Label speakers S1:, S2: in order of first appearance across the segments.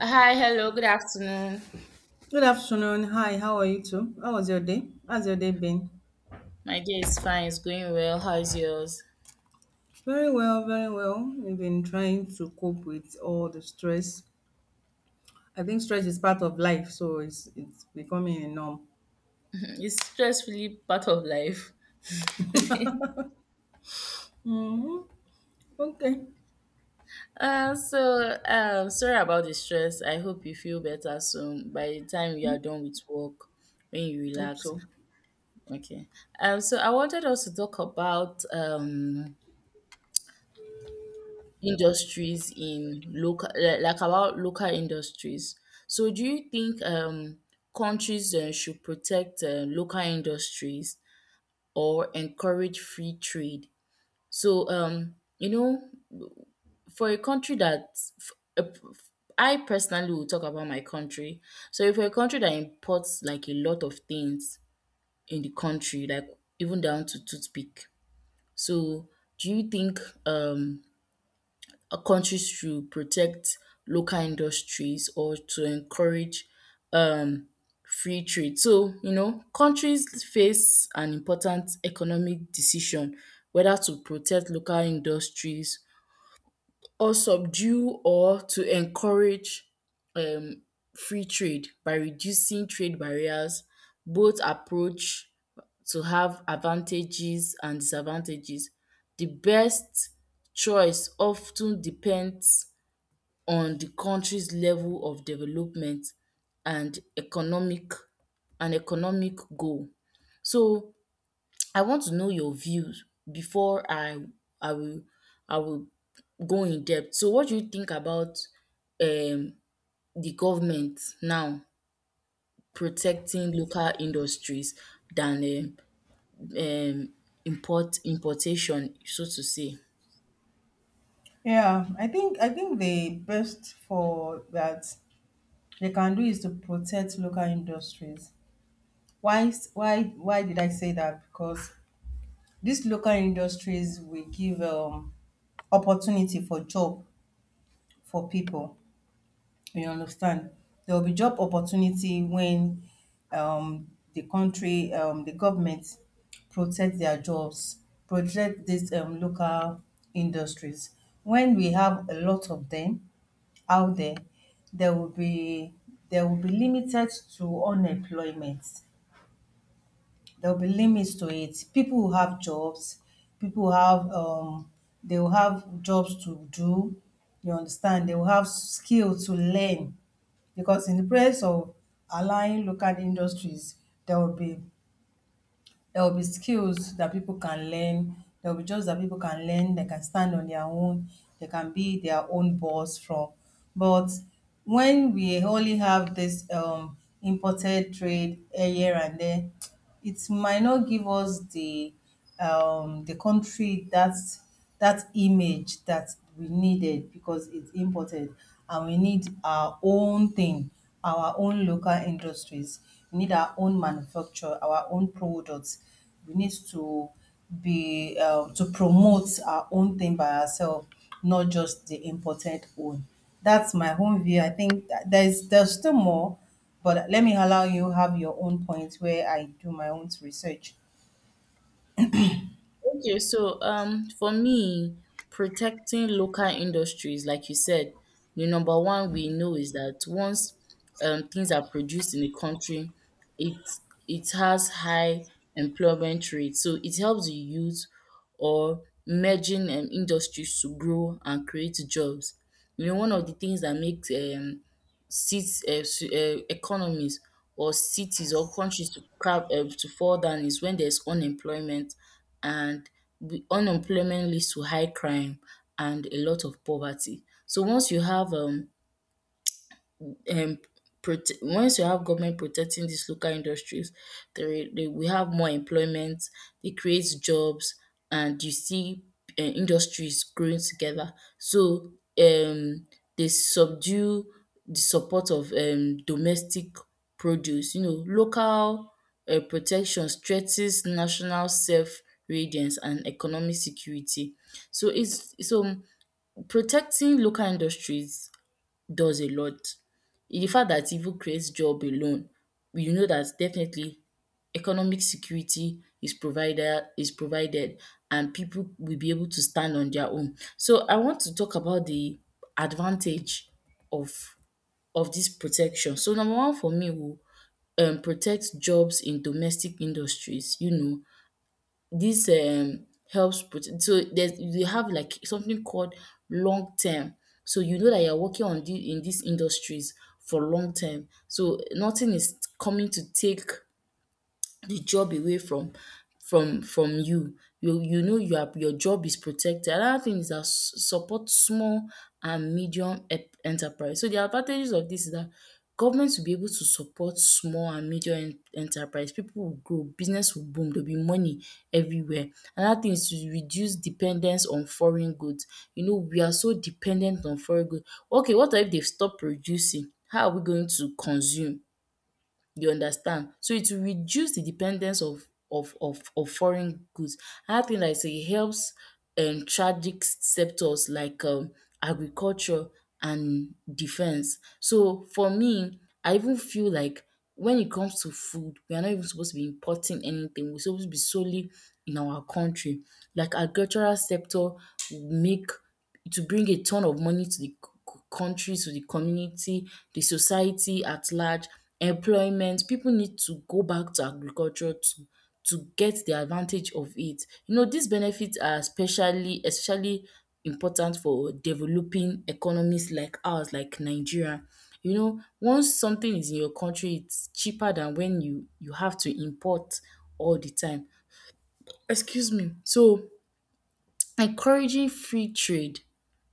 S1: Hi, hello, good afternoon.
S2: Good afternoon. Hi, how are you too? How was your day? How's your day been?
S1: My day is fine, it's going well. How is yours?
S2: Very well, very well. We've been trying to cope with all the stress. I think stress is part of life, so it's becoming a norm.
S1: It's stressfully part of life.
S2: Hmm. Okay.
S1: So, sorry about the stress. I hope you feel better soon by the time you are done with work, when you
S2: Hope
S1: relax.
S2: so.
S1: Okay. So I wanted us to talk about industries in local, like about local industries. So, do you think countries should protect local industries or encourage free trade? So, for a country that f- a p- f- I personally will talk about my country. So, if a country that imports like a lot of things in the country, like even down to toothpick, so do you think countries should protect local industries or to encourage um, free trade. So, countries face an important economic decision whether to protect local industries or subdue or to encourage um, free trade by reducing trade barriers. Both approach to have advantages and disadvantages. The best choice often depends on the country's level of development and economic goal. So I want to know your views before I will I will go in depth. So what do you think about um the government now protecting local industries than um importation so to say?
S2: Yeah, I think the best for that they can do is to protect local industries. Why why did I say that? Because these local industries will give opportunity for job for people. You understand? There will be job opportunity when um, the country, the government protect their jobs, protect these local industries. When we have a lot of them out there, there will be there will be limited to unemployment. There will be limits to it. People will have jobs. People will have they will have jobs to do. You understand? They will have skill to learn because in the place of allowing local industries, there will be there will be skills that people can learn, there will be jobs that people can learn, they can stand on their own, they can be their own boss from. But when we only have this imported trade here and there, it might not give us the country that that image that we needed because it's imported and we need our own thing, our own local industries, we need our own, manufacture our own products, we need to be to promote our own thing by ourselves, not just the imported one. That's my own view. I think that there's still more, but let me allow you have your own point where I do my own research.
S1: Okay, so for me, protecting local industries, like you said, the number one we know is that once things are produced in a country, it it has high employment rate. So it helps the youth or emerging industries to grow and create jobs. You know, one of the things that makes economies or cities or countries to fall down is when there's unemployment, and the unemployment leads to high crime and a lot of poverty. So once you have um prote once you have government protecting these local industries, there they we have more employment, it creates jobs and you see industries growing together. So um they subdue the support of domestic produce. You know, local protection strengthens national self reliance and economic security. So protecting local industries does a lot. The fact that it even creates job alone, you know that definitely economic security is provided, and people will be able to stand on their own. So I want to talk about the advantage of of this protection. So number one for me will protect jobs in domestic industries. You know, this, helps prote so there's you have like something called long term. So you know that you're working on the in these industries for long term. So nothing is coming to take the job away from you. You know you are your job is protected. Another thing is that support small and medium enterprise. So the advantages of this is that government will be able to support small and medium enterprise. People will grow, business will boom, there'll be money everywhere. Another thing is to reduce dependence on foreign goods. You know, we are so dependent on foreign goods. Okay, what if they stop producing? How are we going to consume? You understand? So it will reduce the dependence of foreign goods. Another thing that I say e helps tragic sectors like agriculture and defence. So for me, I even feel like when it comes to food, we are not even supposed to be importing anything. We're supposed to be solely in our country. Like agricultural sector will make to bring a ton of money to the country, to the community, the society at large, employment. People need to go back to agriculture to get the advantage of it. You know, these benefits are especially important for developing economies like ours, like Nigeria. You know, once something is in your country, it's cheaper than when you have to import all the time. Excuse me. So, encouraging free trade.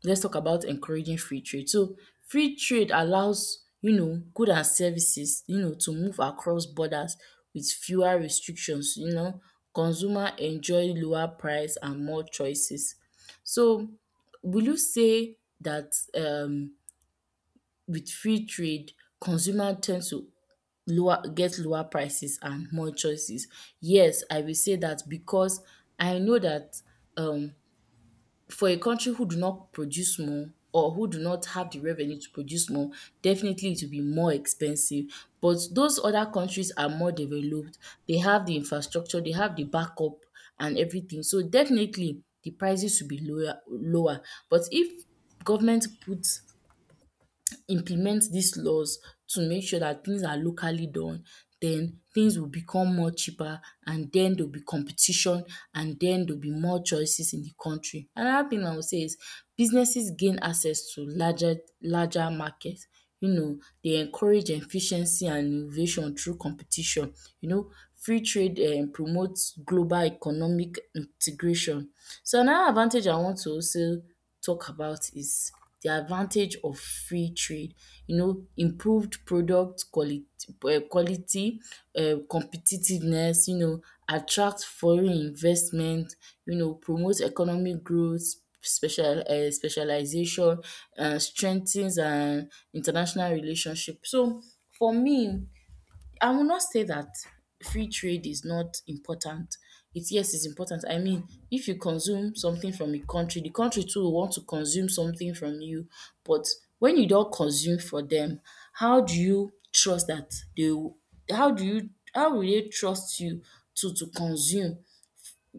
S1: Let's talk about encouraging free trade. So free trade allows, you know, goods and services, you know, to move across borders with fewer restrictions, you know. Consumer enjoy lower price and more choices. So will you say that with free trade, consumer tend to lower get lower prices and more choices? Yes, I will say that, because I know that um for a country who do not produce more or who do not have the revenue to produce more, definitely it will be more expensive. But those other countries are more developed, they have the infrastructure, they have the backup and everything. So definitely the prices will be lower. But if government puts implement these laws to make sure that things are locally done, then things will become more cheaper, and then there will be competition, and then there will be more choices in the country. Another thing I would say is businesses gain access to larger market. You know, they encourage efficiency and innovation through competition. You know, free trade promotes global economic integration. So another advantage I want to also talk about is the advantage of free trade. You know, improved product quality, competitiveness, you know, attract foreign investment, you know, promote economic growth, specialization, strengthens international relationship. So for me, I will not say that free trade is not important. It Yes, it's important. I mean, if you consume something from a country, the country too will want to consume something from you. But when you don't consume for them, how do you trust that they will how do you how will they trust you to consume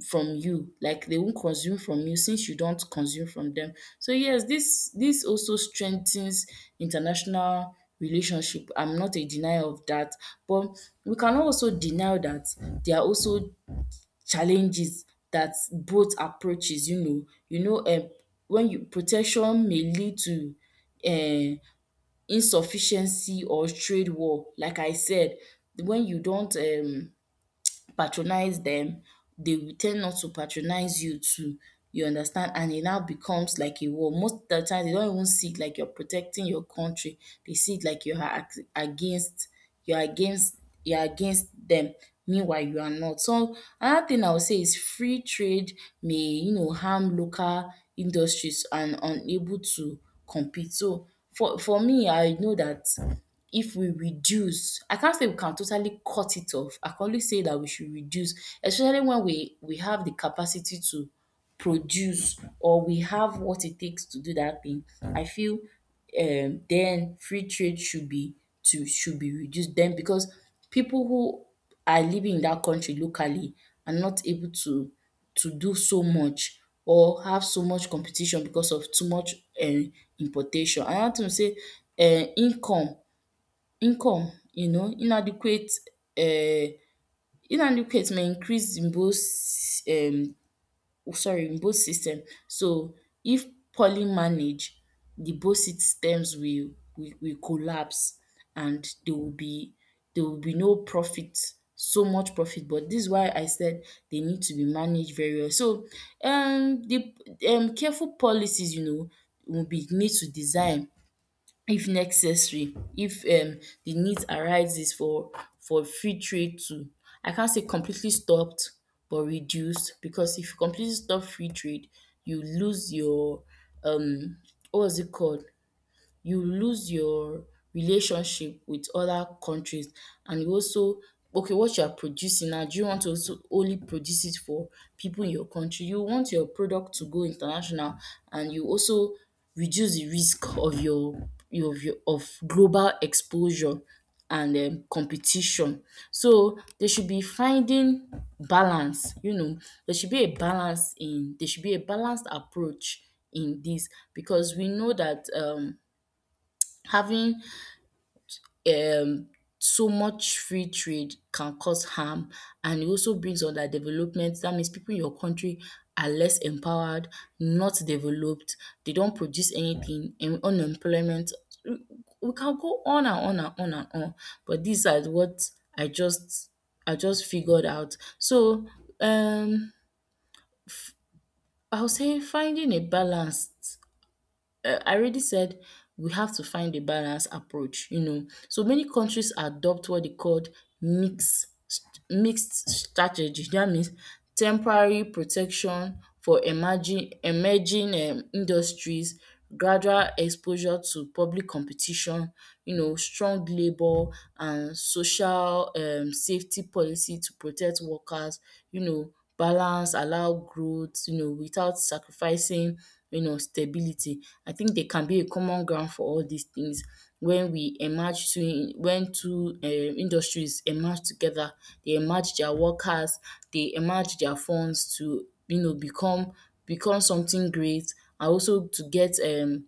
S1: from you, like they won't consume from you since you don't consume from them. So yes, this also strengthens international relationship. I'm not a denier of that, but we cannot also deny that there are also challenges that both approaches, when you protection may lead to um insufficiency or trade war, like I said. When you don't patronize them, they will ten not to patronize you too, you understand, and it now becomes like a war. Most of the time they don't even see it like you're protecting your country, they see it like you are against you're against you're against them, meanwhile you are not. So another thing I would say is free trade may, you know, harm local industries and unable to compete. So for me, I know that if we reduce, I can't say we can totally cut it off, I can only say that we should reduce, especially when we have the capacity to produce, or we have what it takes to do that thing. I feel then free trade should be to should be reduced then, because people who are living in that country locally are not able to do so much or have so much competition because of too much um importation. Another thing be say, um income income, you know, inadequate. Uh, Inadequate may increase in both um sorry, in both system. So if poorly managed, the both systems will collapse, and there will be no profit, so much profit, but this is why I said they need to be managed very well. So the careful policies, you know, will be need to design if necessary, if the need arises for free trade to, I can't say completely stopped but reduced, because if you completely stop free trade, you lose your um what was it called, you lose your relationship with other countries. And you also, okay, what you are producing now, do you want to also only produce it for people in your country? You want your product to go international. And you also reduce the risk of your of global exposure and competition. So they should be finding balance, you know. There should be a balanced approach in this, because we know that having um so much free trade can cause harm, and it also brings underdevelopment. That means people in your country are less empowered, not developed, they don't produce anything, and unemployment. We we can go on and on and on and on, but these are what I just I just figured out. So um I'll say finding a balance. I already said we have to find a balanced approach, you know. So many countries adopt what they called mixed mixed strategy. That means temporary protection for emerging emerging industries, gradual exposure to public competition, you know, strong labour and social safety policy to protect workers, you know, balance allow growth, you know, without sacrificing, you know, stability. I think they can be a common ground for all these things. When we emerge to when two industries emerge together, they emerge their workers, they emerge their funds to become become something great, and also to get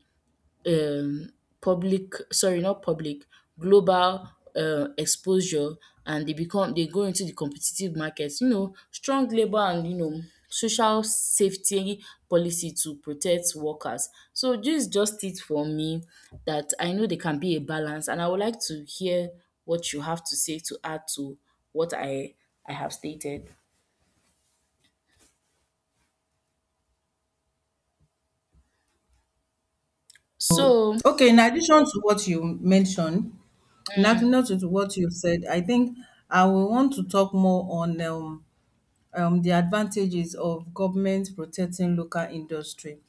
S1: um, public sorry not public global exposure. And they become they go into the competitive market. Strong labor and, social safety policy to protect workers. So this is just it for me. That i know there can be a balance, and I would like to hear what you have to say to add to what I have stated. So
S2: Okay, in addition to what you mentioned, in addition to what you've said, I think I will want to talk more on the advantages of government protecting local industry.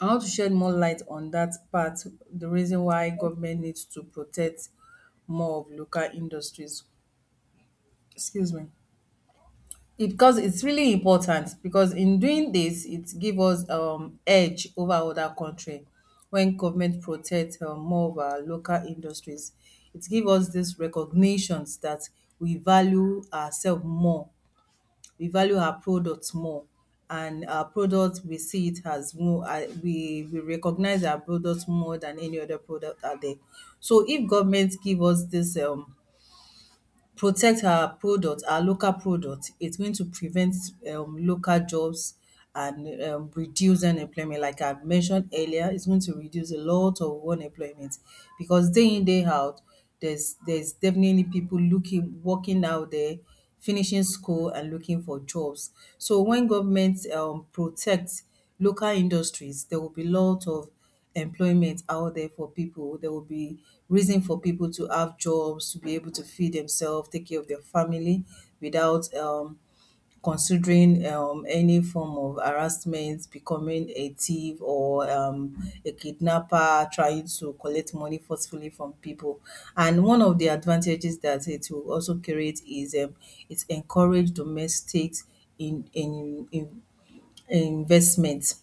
S2: I want to shed more light on that part, the reason why government needs to protect more of local industries. Excuse me. Because it's really important, because in doing this it give us edge over other country. When government protect more of our local industries, it give us this recognitions that we value ourselves more, we value our products more, and our product we see it as more we recognize our products more than any other product out there. So if government give us this protect our product, our local product, it's going to prevent local jobs and reduce unemployment. Like I mentioned earlier, it's going to reduce a lot of unemployment because day in, day out, there's definitely people looking, working out there, finishing school and looking for jobs. So when government protects local industries, there will be lot of employment out there for people. There will be reason for people to have jobs, to be able to feed themselves, take care of their family without considering any form of harassment, becoming a thief or a kidnapper, trying to collect money forcefully from people. And one of the advantages that it will also create is it encourage domestics in investment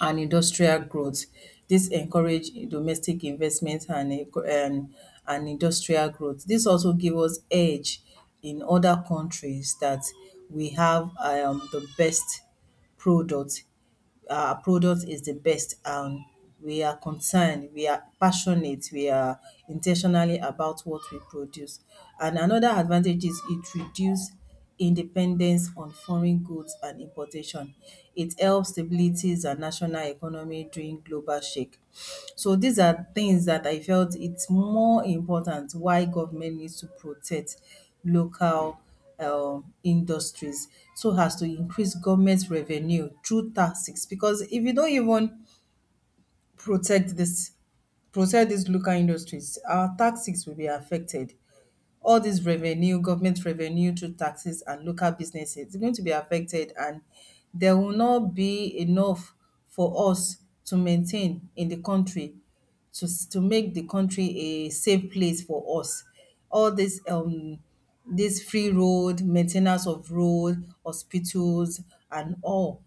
S2: and industrial growth. This encourage domestic investment and um and industrial growth. This also give us edge in other countries, that we have the best product, our product is the best, and we are concerned, we are passionate, we are intentionally about what we produce. And another advantage is it reduces independence on foreign goods and importation. It helps stabilities and national economy during global shake. So these are things that I felt it's more important why government needs to protect local industries, so as to increase government revenue through taxes. Because if you don't even protect this protect these local industries, our taxes will be affected. All this revenue, government revenue through taxes and local businesses, is going to be affected, and there will not be enough for us to maintain in the country, to to make the country a safe place for us. All this this free road, maintenance of road, hospitals and all,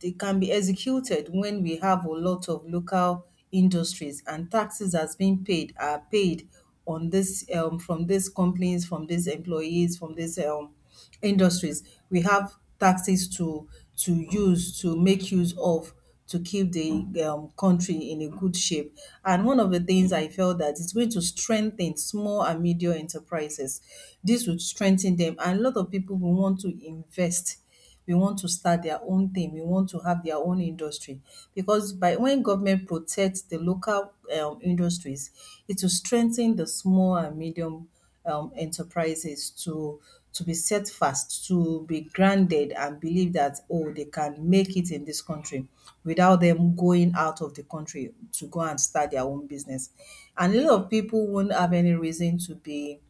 S2: they can be executed when we have a lot of local industries and taxes has been paid are paid on this, from these companies, from these employees, from these industries. We have taxes to use, to make use of, to keep the country in a good shape. And one of the things I felt that it's going to strengthen small and medium enterprises. This would strengthen them, and a lot of people will want to invest, we want to start their own thing, we want to have their own industry. Because by when government protects the local industries, it will strengthen the small and medium enterprises to be set fast, to be grounded and believe that oh they can make it in this country without them going out of the country to go and start their own business. And a lot of people won't have any reason to be,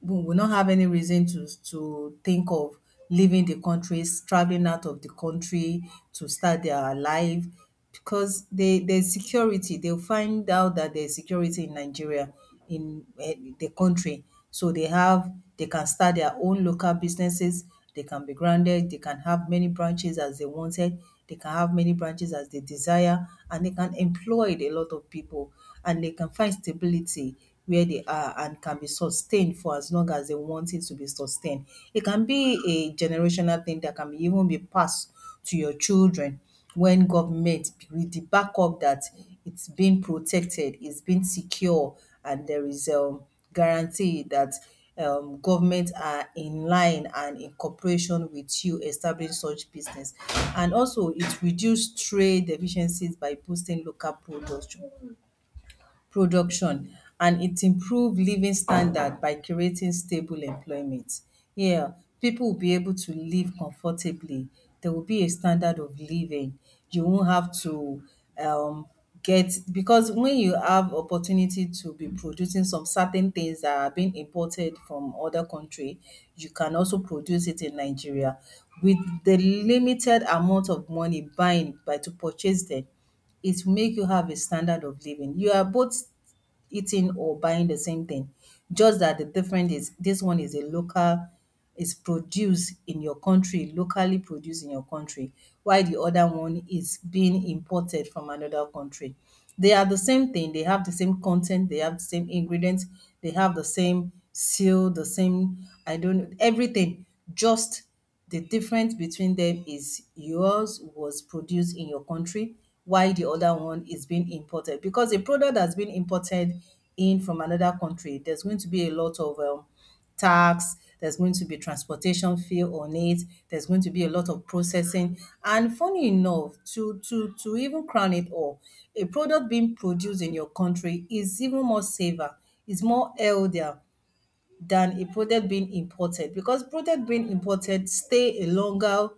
S2: we will not have any reason to think of leaving the countries, traveling out of the country to start their life, because they, there's security. They'll find out that there's security in Nigeria, in the country. So they have, they can start their own local businesses. They can be grounded. They can have many branches as they wanted. They can have many branches as they desire, and they can employ a lot of people, and they can find stability where they are, and can be sustained for as long as they want it to be sustained. It can be a generational thing, that can be even be passed to your children, when government, with the backup that it's being protected, it's being secure, and there is guarantee that government are in line and in cooperation with you establish such business. And also, it reduce trade deficiencies by boosting local production, and it improve living standard by creating stable employment. Yeah, people will be able to live comfortably. There will be a standard of living. You won't have to um, get, because when you have opportunity to be producing some certain things that are being imported from other country, you can also produce it in Nigeria with the limited amount of money buying by to purchase them, it will make you have a standard of living. You are both eating or buying the same thing, just that the difference is this one is a local, is produced in your country, locally produced in your country, while the other one is being imported from another country. They are the same thing. They have the same content. They have the same ingredients. They have the same seal, the same, I don't know, everything. Just the difference between them is yours was produced in your country, while the other one is being imported. Because a product that's been imported in from another country, there's going to be a lot of tax, there's going to be transportation fee on it, there's going to be a lot of processing. And funny enough, to even crown it all, a product being produced in your country is even more safer, is more healthier, than a product being imported, because product being imported stay a longer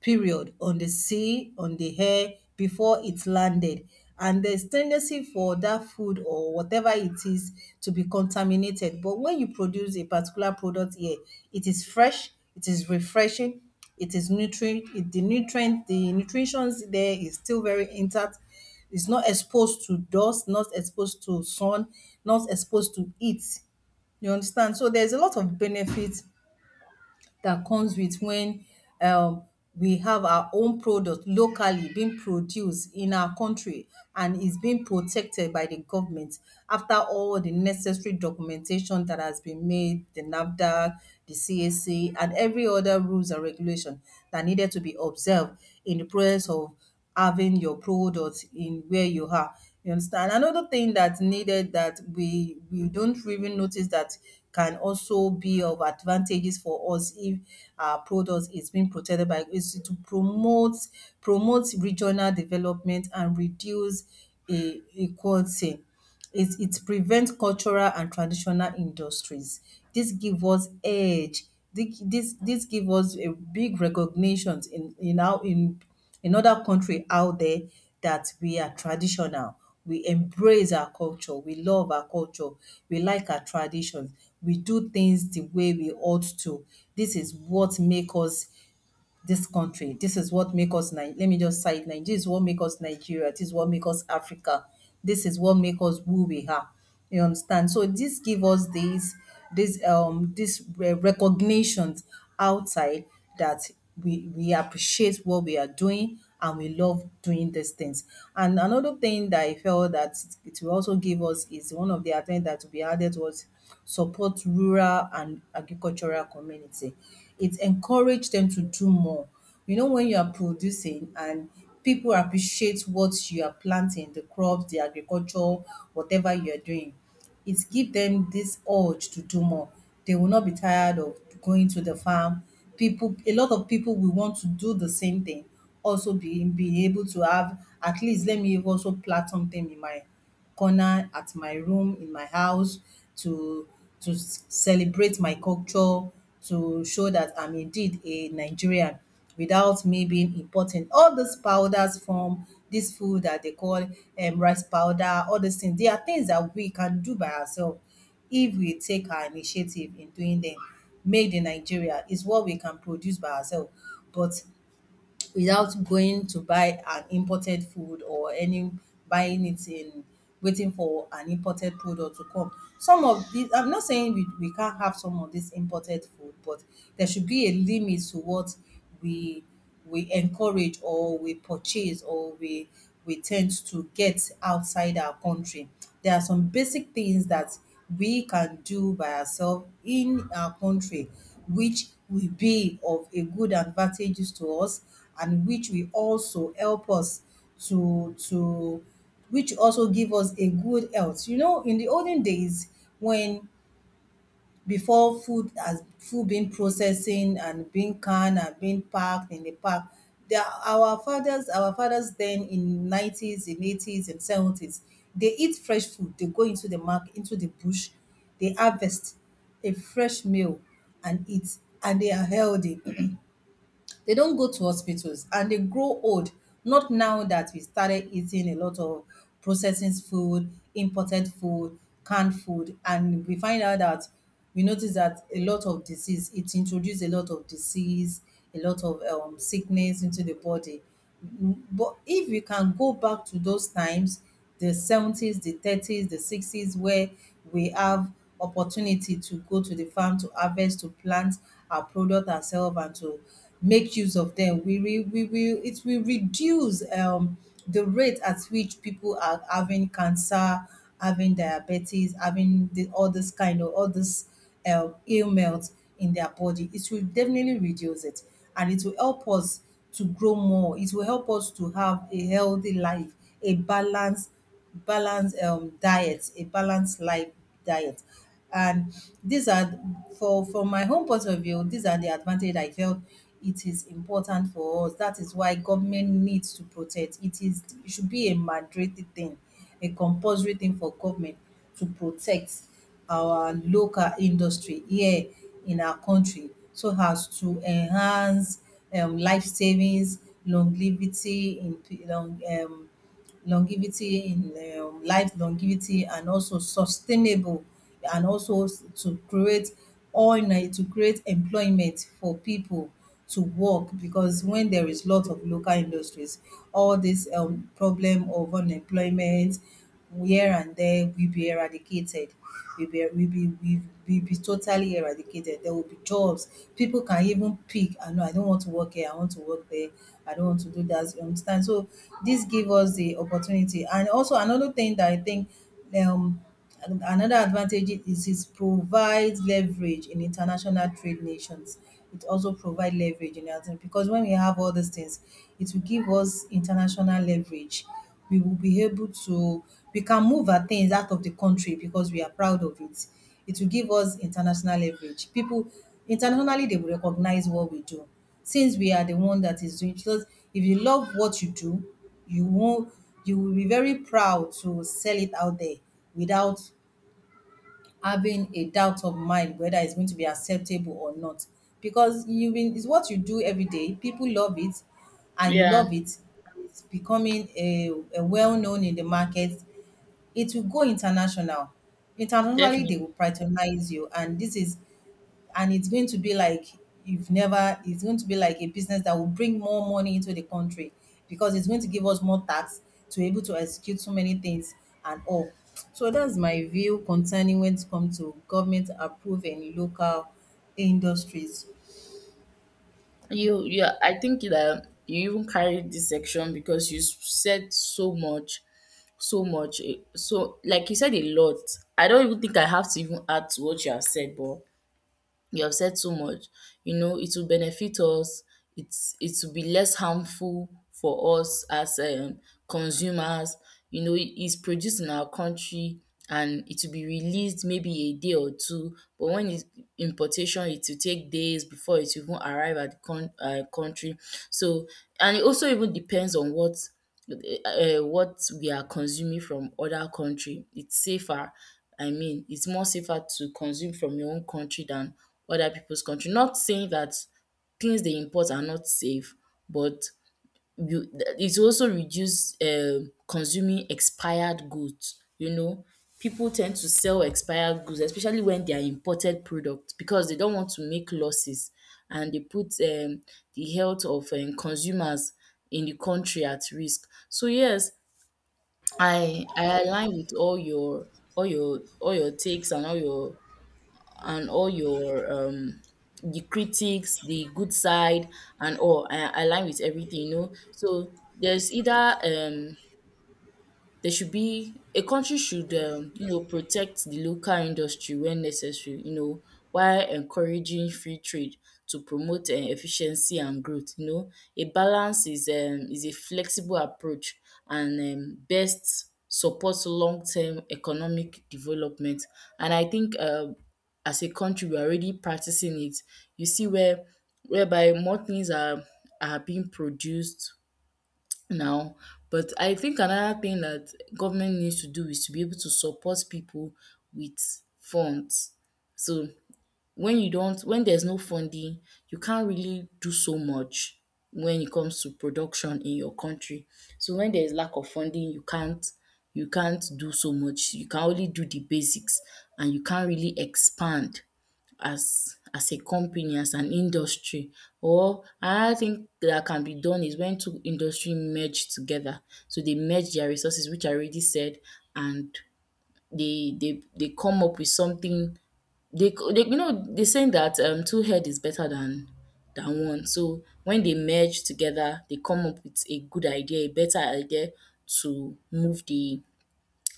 S2: period on the sea, on the air before it landed. And there's tendency for that food or whatever it is to be contaminated. But when you produce a particular product here, it is fresh, it is refreshing, it is nutrient, the nutrient, the nutrition there is still very intact. It's not exposed to dust, not exposed to sun, not exposed to heat. You understand? So there's a lot of benefits that comes with when um, we have our own product locally being produced in our country and is being protected by the government, after all the necessary documentation that has been made, the NAFDAC, the CAC, and every other rules and regulation that needed to be observed in the process of having your product in where you are. You understand? Another thing that's needed that we don't even notice that can also be of advantages for us, if our product is being protected by, is to promote regional development and reduce a equality. It prevents cultural and traditional industries. This give us edge. This dis give us a big recognitions in our in other country out there, that we are traditional, we embrace our culture, we love our culture, we like our traditions. We do things the way we ought to. This is what make us this country. This is what make us let me just cite Nigeria. This is what make us Nigeria. This is what make us Africa. This is what make us who we are. You understand? So this give us these this this re- recognitions outside that we appreciate what we are doing and we love doing these things. And another thing that I felt that it will also give us is one of the attempt that will be added was support rural and agricultural community, it encourage them to do more. You know, when you are producing and people appreciate what you are planting, the crops, the agriculture, whatever you are doing, it give them this urge to do more. They will not be tired of going to the farm. People, a lot of people will want to do the same thing. Also, being able to have, at least let me also plant something in my corner at my room, in my house, to celebrate my culture, to show that I'm indeed a Nigerian without me being important. All these powders from this food that they call rice powder, all these things, they are things that we can do by ourselves if we take our initiative in doing them. Made in Nigeria is what we can produce by ourselves. But without going to buy an imported food, or any buying it in, waiting for an imported product to come. Some of these, I'm not saying we can't have some of this imported food, but there should be a limit to what we we encourage, or we purchase, or we tend to get outside our country. There are some basic things that we can do by ourselves in our country, which will be of a good advantages to us, and which will also help us to which also give us a good health. You know, in the olden days when, before food has, food being processing and being canned and being packed in the pack. There, our fathers then in nineties, in eighties, and seventies, they eat fresh food. They go into the market, into the bush, they harvest a fresh meal and eat, and they are healthy, they don't go to hospitals and they grow old. Not now that we started eating a lot of processing food, imported food, canned food, and we find out that we notice that a lot of disease, it introduced a lot of disease, a lot of sickness into the body. But if we can go back to those times, the 70s, the 30s, the 60s, where we have opportunity to go to the farm to harvest, to plant our product ourselves, and to make use of them. We, re, we will it will reduce the rate at which people are having cancer, having diabetes, all this kind of all this ailments in their body. It will definitely reduce it, and it will help us to grow more. It will help us to have a healthy life, a balanced balanced diet, a balanced life diet. And these are, for from my home point of view, these are the advantage I felt it is important for us. That is why government needs to protect. It is, it should be a mandatory thing, a compulsory thing for government to protect our local industry here in our country, so as to enhance life savings, longevity in p- long, um, longevity in life, longevity, and also sustainable, to create, to create employment for people to work, because when there is lot of local industries, all this problem of unemployment here and there will be eradicated. Will be will be will be totally eradicated. There will be jobs. People can even pick, I know I don't want to work here, I want to work there, I don't want to do that. You understand? So this give us the opportunity. And also another thing that I think um and another advantage is it provides leverage in international trade nations. It also provides leverage in other, because when we have all these things, it will give us international leverage. We will be able to, we can move our things out of the country because we are proud of it. It will give us international leverage. People internationally, they will recognize what we do, since we are the one that is doing, because if you love what you do, you won't, you will be very proud to sell it out there without having a doubt of mind whether it's going to be acceptable or not. Because you mean it's what you do every day. People love it and you love
S1: yeah,
S2: it. It's becoming a well known in the market. It will go international. Internationally,
S1: definitely.
S2: they will patronize you, and this is and it's going to be like, you've never, it's going to be like a business that will bring more money into the country, because it's going to give us more tax to be able to execute so many things and all. So that's my view concerning when it comes to government approving local industries.
S1: Yeah, I think that you even carried this section because you said so much, so much, so like you said, a lot. I don't even think I have to even add to what you have said, but you have said so much. You know, it will benefit us. It will be less harmful for us as consumers. You know, it's produced in our country, and it will be released maybe a day or two. But when it's importation, it will take days before it will even arrive at the country. So, and it also even depends on uh, what we are consuming from other country. It's safer. I mean, it's more safer to consume from your own country than other people's country. Not saying that things they import are not safe, but you it also reduce consuming expired goods. You know, people tend to sell expired goods, especially when they are imported products, because they don't want to make losses, and they put the health of consumers in the country at risk. So yes, I align with all your takes and all your and all your um the critics, the good side, and all. I align with everything, you know. So there's either there should be a country should, you know, protect the local industry when necessary, you know, while encouraging free trade to promote efficiency and growth, you know. A balance is, is a flexible approach, and best supports long term economic development. And I think, as a country we are already practicing it. You see where whereby more things are being produced now. But I think another thing that government needs to do is to be able to support people with funds. So when you don't, when there's no funding, you can't really do so much when it comes to production in your country. So when there's lack of funding, you can't, you can't do so much. You can only do the basics, and you can't really expand as a company, as an industry. Or another thing that can be done is when two industry merge together. So they merge their resources, which I already said, and they come up with something. They, you know, they're saying that two head is better than one. So when they merge together, they come up with a good idea, a better idea, to move the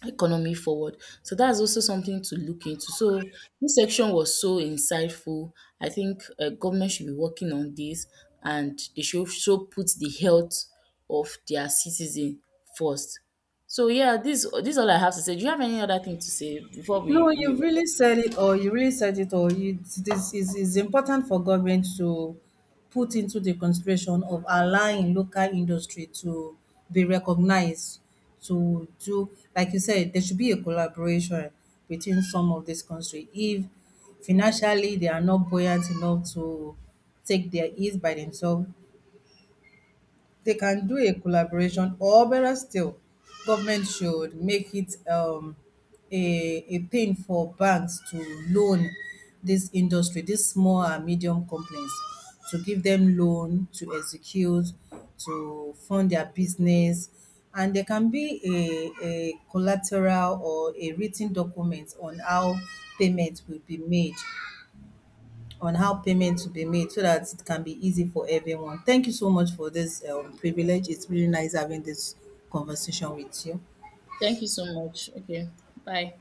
S1: economy forward. So that's also something to look into. So this section was so insightful. I think government should be working on this, and they should also put the health of their citizen first. So yeah, this is all I have to say. Do you have any other thing to say before
S2: No,
S1: we
S2: you've
S1: we?
S2: really said it, or you really said it, or you, this is important for government to put into the consideration of allowing local industry to be recognized, to do, like you said, there should be a collaboration between some of this country. If financially they are not buoyant enough to take their ease by themselves, they can do a collaboration, or better still, government should make it a thing for banks to loan this industry, this small and medium companies, to give them loan to execute, to fund their business. And there can be a collateral or a written document on how payment will be made, on how payment to be made, so that it can be easy for everyone. Thank you so much for this privilege. It's really nice having this conversation with you.
S1: Thank you so much. Okay, bye.